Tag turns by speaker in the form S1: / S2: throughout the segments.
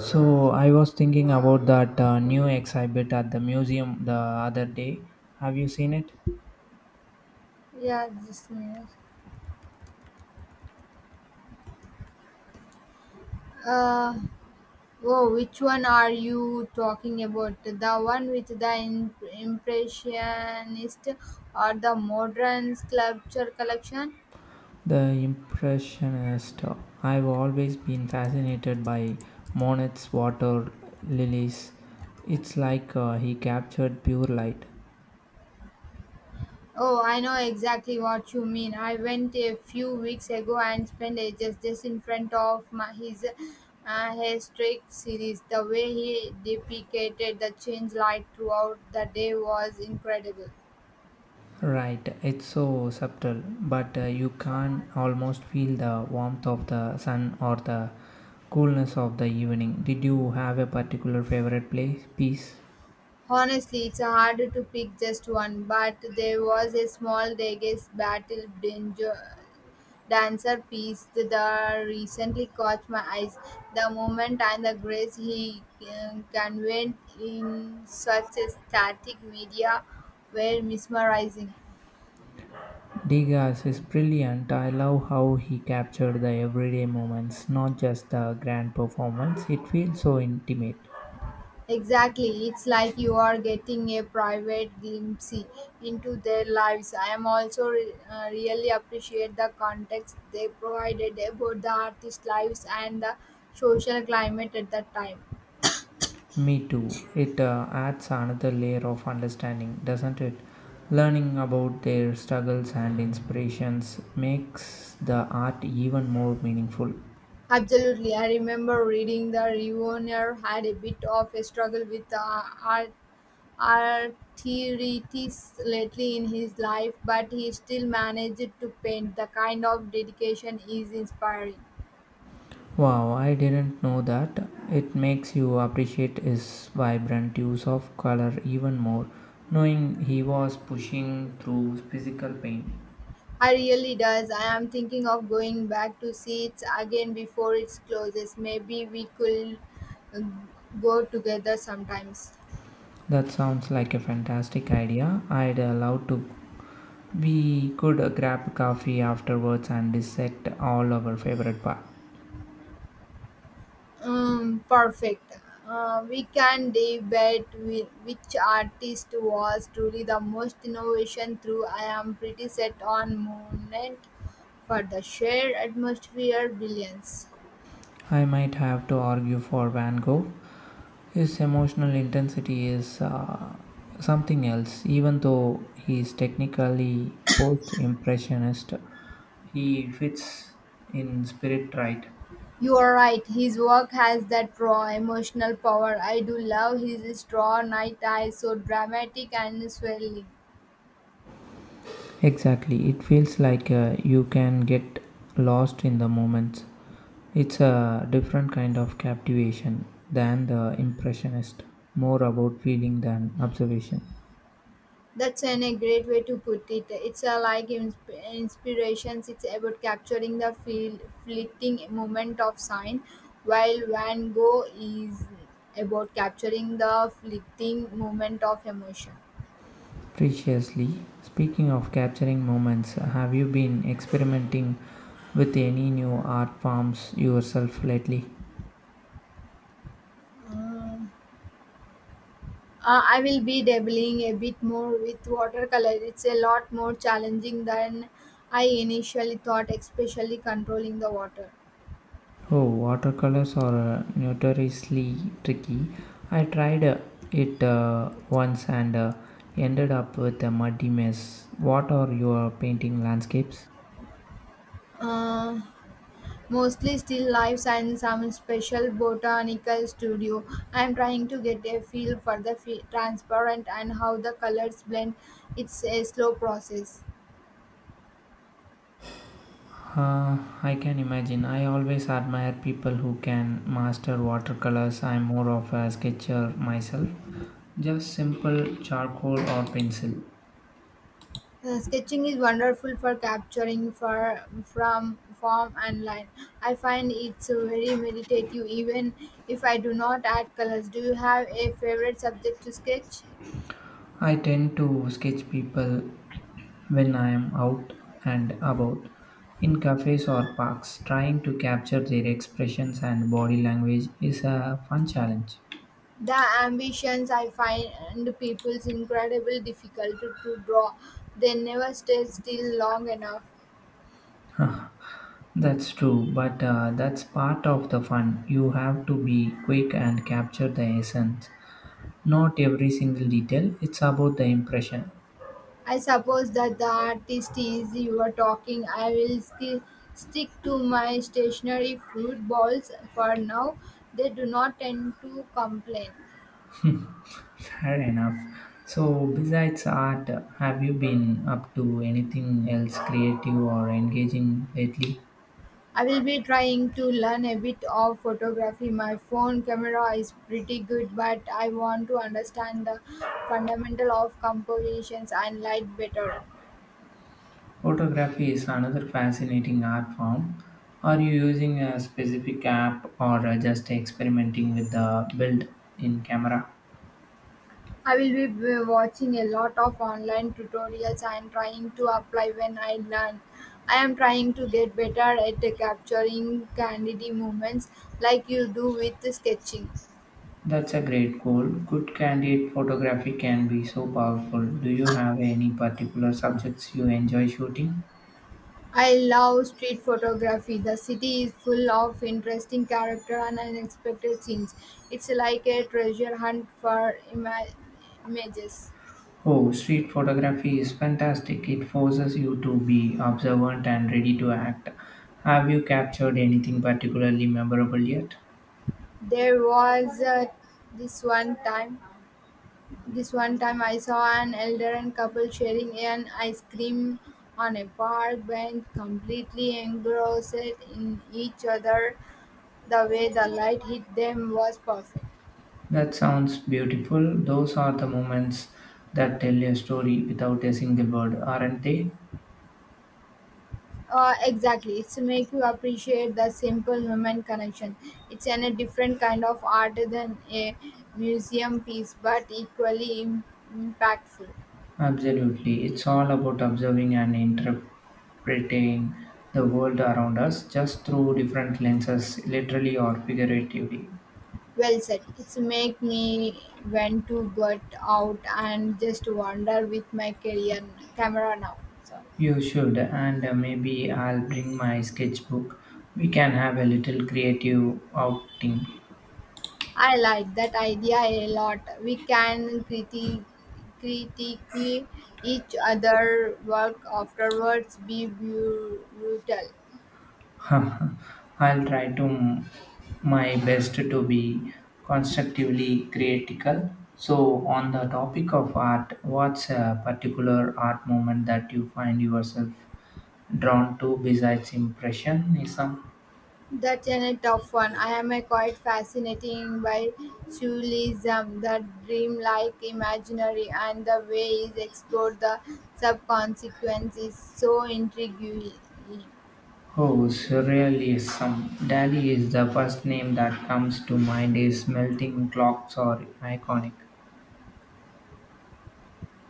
S1: So I was thinking about that new exhibit at the museum the other day. Have you seen it?
S2: Yeah, just a minute. Uh, oh, which one are you talking about? The one with the impressionist or the modern sculpture collection?
S1: The Impressionist. I've always been fascinated by Monet's water lilies. It's like he captured pure light.
S2: Oh, I know exactly what you mean. I went a few weeks ago and spent ages just in front of his historic series. The way he depicted the change light throughout the day was incredible.
S1: Right, it's so subtle, but you can almost feel the warmth of the sun or the coolness of the evening. Did you have a particular favorite place piece?
S2: Honestly, it's hard to pick just one, but there was a small reggae dancer piece that recently caught my eyes. The moment and the grace he conveyed in such a static media were mesmerizing.
S1: Degas is brilliant. I love how he captured the everyday moments, not just the grand performance. It feels so intimate.
S2: Exactly. It's like you are getting a private glimpse into their lives. I am also really appreciate the context they provided about the artist's lives and the social climate at that time.
S1: Me too. It adds another layer of understanding, doesn't it? Learning about their struggles and inspirations makes the art even more meaningful.
S2: Absolutely. I remember reading the Reunion had a bit of a struggle with arteritis lately in his life, but he still managed to paint. The kind of dedication is inspiring.
S1: Wow, I didn't know that. It makes you appreciate his vibrant use of color even more, knowing he was pushing through physical pain.
S2: I really does. I am thinking of going back to see it again before it closes. Maybe we could uh, go together sometimes.
S1: That sounds like a fantastic idea. I'd love to. We could grab coffee afterwards and dissect all our favorite part.
S2: Perfect. We can debate with which artist was truly the most innovation through. I am pretty set on Monet for the shared atmosphere brilliance.
S1: I might have to argue for Van Gogh. His emotional intensity is something else. Even though he is technically post impressionist, he fits in spirit right.
S2: You are right, his work has that raw emotional power. I do love his straw night eyes, so dramatic and swirling.
S1: Exactly. It feels like you can get lost in the moments. It's a different kind of captivation than the impressionist, more about feeling than observation.
S2: That's a great way to put it. It's like inspirations, it's about capturing fleeting moment of sign, while Van Gogh is about capturing the fleeting moment of emotion.
S1: Preciously, speaking of capturing moments, have you been experimenting with any new art forms yourself lately?
S2: Mm, I will be dabbling a bit more with watercolor. It's a lot more challenging than I initially thought, especially controlling the water.
S1: Oh, watercolors are notoriously tricky. I tried it once and ended up with a muddy mess. What are your painting landscapes?
S2: Uh, Mostly still lifes and some special botanical studio. I'm trying to get a feel for the fe transparent and how the colors blend. It's a slow process.
S1: I can imagine. I always admire people who can master watercolors. I'm more of a sketcher myself. Just simple charcoal or pencil.
S2: Sketching is wonderful for capturing for from form and line. I find it's very meditative, even if I do not add colors. Do you have a favorite subject to sketch?
S1: I tend to sketch people when I am out and about in cafes or parks. Trying to capture their expressions and body language is a fun challenge.
S2: The ambitions I find people's incredible difficult to draw. They never stay still long enough.
S1: That's true, but that's part of the fun. You have to be quick and capture the essence. Not every single detail, it's about the impression.
S2: I suppose that the artist is you are talking. I will still stick to my stationary fruit balls for now. They do not tend to complain.
S1: Fair enough. So, besides art, have you been up to anything else creative or engaging lately?
S2: I will be trying to learn a bit of photography. My phone camera is pretty good, but I want to understand the fundamental of compositions and light better.
S1: Photography is another fascinating art form. Are you using a specific app or just experimenting with the built in camera?
S2: I will be watching a lot of online tutorials and trying to apply when I learn. I am trying to get better at capturing candid movements like you do with sketching.
S1: That's a great goal. Good candid photography can be so powerful. Do you have any particular subjects you enjoy shooting?
S2: I love street photography. The city is full of interesting character and unexpected scenes. It's like a treasure hunt for images.
S1: Oh, street photography is fantastic. It forces you to be observant and ready to act. Have you captured anything particularly memorable yet?
S2: There was this one time, this one time I saw an elder and couple sharing an ice cream on a park bench, completely engrossed in each other. The way the light hit them was perfect.
S1: That sounds beautiful. Those are the moments that tell a story without a single word, aren't they?
S2: Exactly. It's make you appreciate the simple human connection. It's a different kind of art than a museum piece, but equally impactful.
S1: Absolutely. It's all about observing and interpreting the world around us just through different lenses, literally or figuratively.
S2: Well said. It's make me want to get out and just wander with my career camera now. So
S1: You should, and maybe I'll bring my sketchbook. We can have a little creative outing.
S2: I like that idea a lot. We can critique each other work afterwards. Be brutal.
S1: I'll try to my best to be constructively critical. So, on the topic of art, what's a particular art moment that you find yourself drawn to besides Impressionism?
S2: That's a tough one. I am quite fascinating by surrealism, the dreamlike imaginary, and the way is explored the subconsequence is so intriguing.
S1: Oh, surrealism. Dali is the first name that comes to mind. His melting clocks are iconic.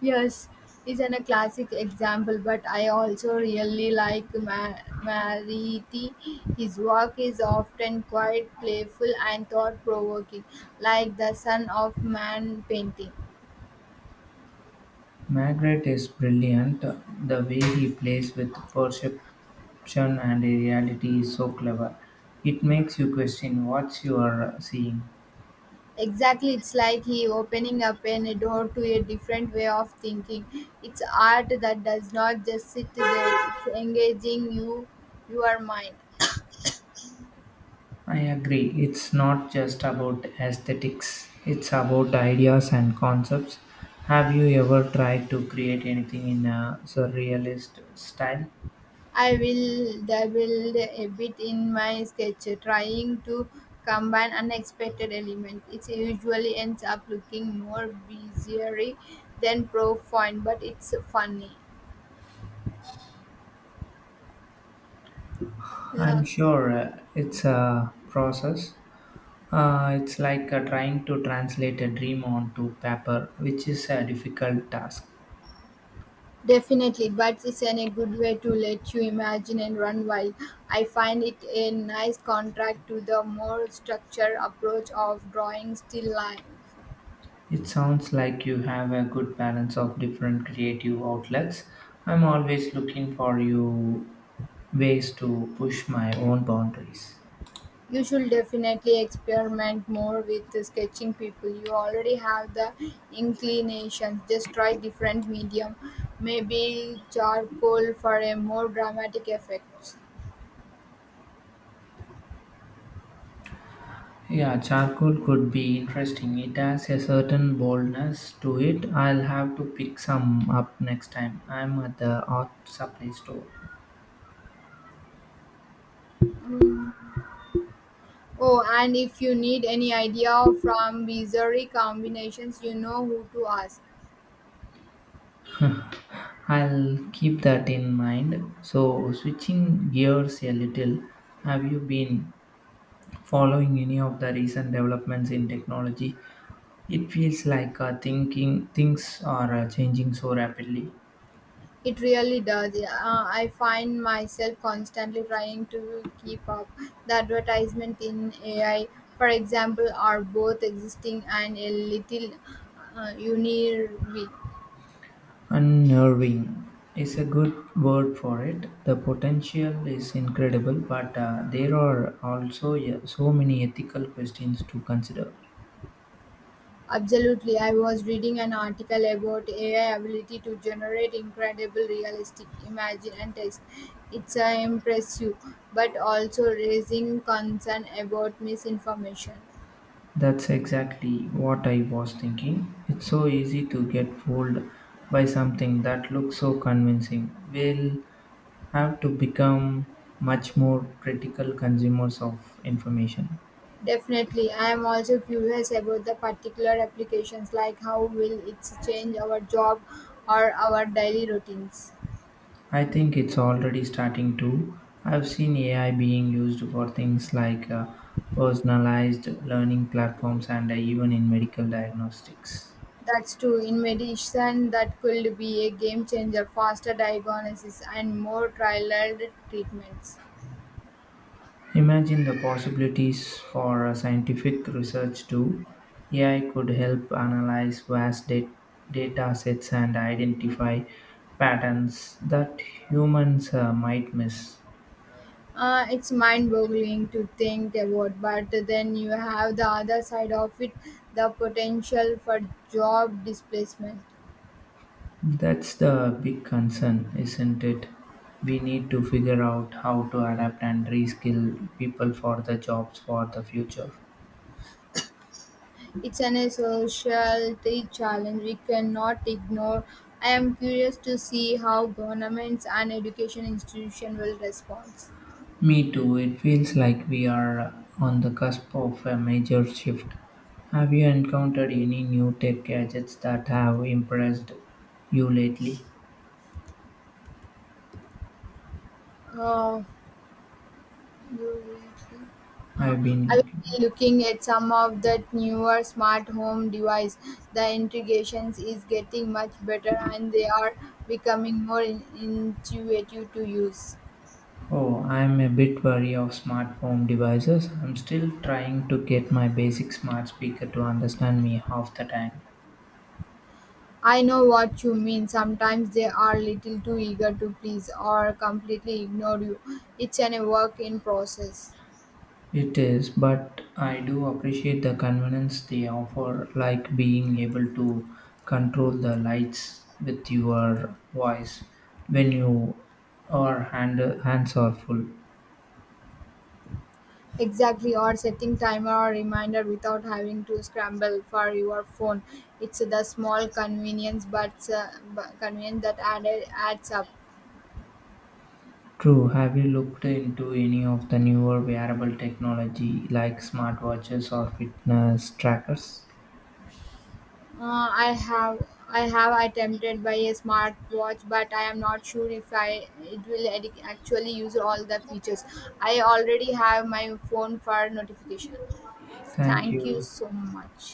S2: Yes, is an a classic example, but I also really like Mariti. His work is often quite playful and thought provoking, like the Son of Man painting.
S1: Margaret is brilliant, the way he plays with perception and reality is so clever. It makes you question what you are seeing.
S2: Exactly, it's like he opening up a door to a different way of thinking. It's art that does not just sit there; it's engaging you, your mind.
S1: I agree, it's not just about aesthetics, it's about ideas and concepts. Have you ever tried to create anything in a surrealist style?
S2: I will dabble a bit in my sketch, trying to combine unexpected elements. It usually ends up looking more bizarre than profound, but it's funny. Yeah.
S1: I'm sure it's a process. It's like trying to translate a dream onto paper, which is a difficult task.
S2: Definitely, but it's in a good way to let you imagine and run wild. I find it a nice contrast to the more structured approach of drawing still life.
S1: It sounds like you have a good balance of different creative outlets. I'm always looking for you ways to push my own boundaries.
S2: You should definitely experiment more with the sketching people. You already have the inclinations. Just try different medium, maybe charcoal for a more dramatic effect.
S1: Yeah, charcoal could be interesting. It has a certain boldness to it. I'll have to pick some up next time. I'm at the art supply store.
S2: Mm. Oh, and if you need any idea from bizarre combinations, you know who to ask.
S1: I'll keep that in mind. So, switching gears a little, have you been following any of the recent developments in technology? It feels like thinking things are changing so rapidly.
S2: It really does. Yeah, I find myself constantly trying to keep up. The advertisement in AI, for example, are both existing and a little unique.
S1: Unnerving is a good word for it. The potential is incredible, but there are also so many ethical questions to consider.
S2: Absolutely. I was reading an article about AI ability to generate incredible realistic imagine and text. It's impressive, but also raising concern about misinformation.
S1: That's exactly what I was thinking. It's so easy to get fooled by something that looks so convincing. We'll have to become much more critical consumers of information.
S2: Definitely. I am also curious about the particular applications, like how will it change our job or our daily routines.
S1: I think it's already starting to. I've seen AI being used for things like personalized learning platforms and even in medical diagnostics.
S2: That's true. In medicine, that could be a game changer, faster diagnosis and more trialed treatments.
S1: Imagine the possibilities for scientific research too. AI could help analyze vast data sets and identify patterns that humans might miss.
S2: It's mind-boggling to think about, but then you have the other side of it, the potential for job displacement.
S1: That's the big concern, isn't it? We need to figure out how to adapt and reskill people for the jobs for the future.
S2: It's an society challenge we cannot ignore. I am curious to see how governments and education institutions will respond.
S1: Me too. It feels like we are on the cusp of a major shift. Have you encountered any new tech gadgets that have impressed you lately?
S2: Uh, uh,
S1: I've been
S2: I
S1: looking.
S2: will be looking at some of the newer smart home device. The integrations is getting much better and they are becoming more intuitive to use.
S1: Oh, I'm a bit wary of smart home devices. I'm still trying to get my basic smart speaker to understand me half the time.
S2: I know what you mean. Sometimes they are little too eager to please or completely ignore you. It's an a work in process.
S1: It is, but I do appreciate the convenience they offer, like being able to control the lights with your voice when you are hands are full.
S2: Exactly, or setting timer or reminder without having to scramble for your phone. It's the small convenience, but convenience that added adds up.
S1: True, have you looked into any of the newer wearable technology like smartwatches or fitness trackers?
S2: I have attempted by a smartwatch, but I am not sure if I it will actually use all the features. I already have my phone for notification.
S1: Thank
S2: Thank you
S1: you.
S2: so much.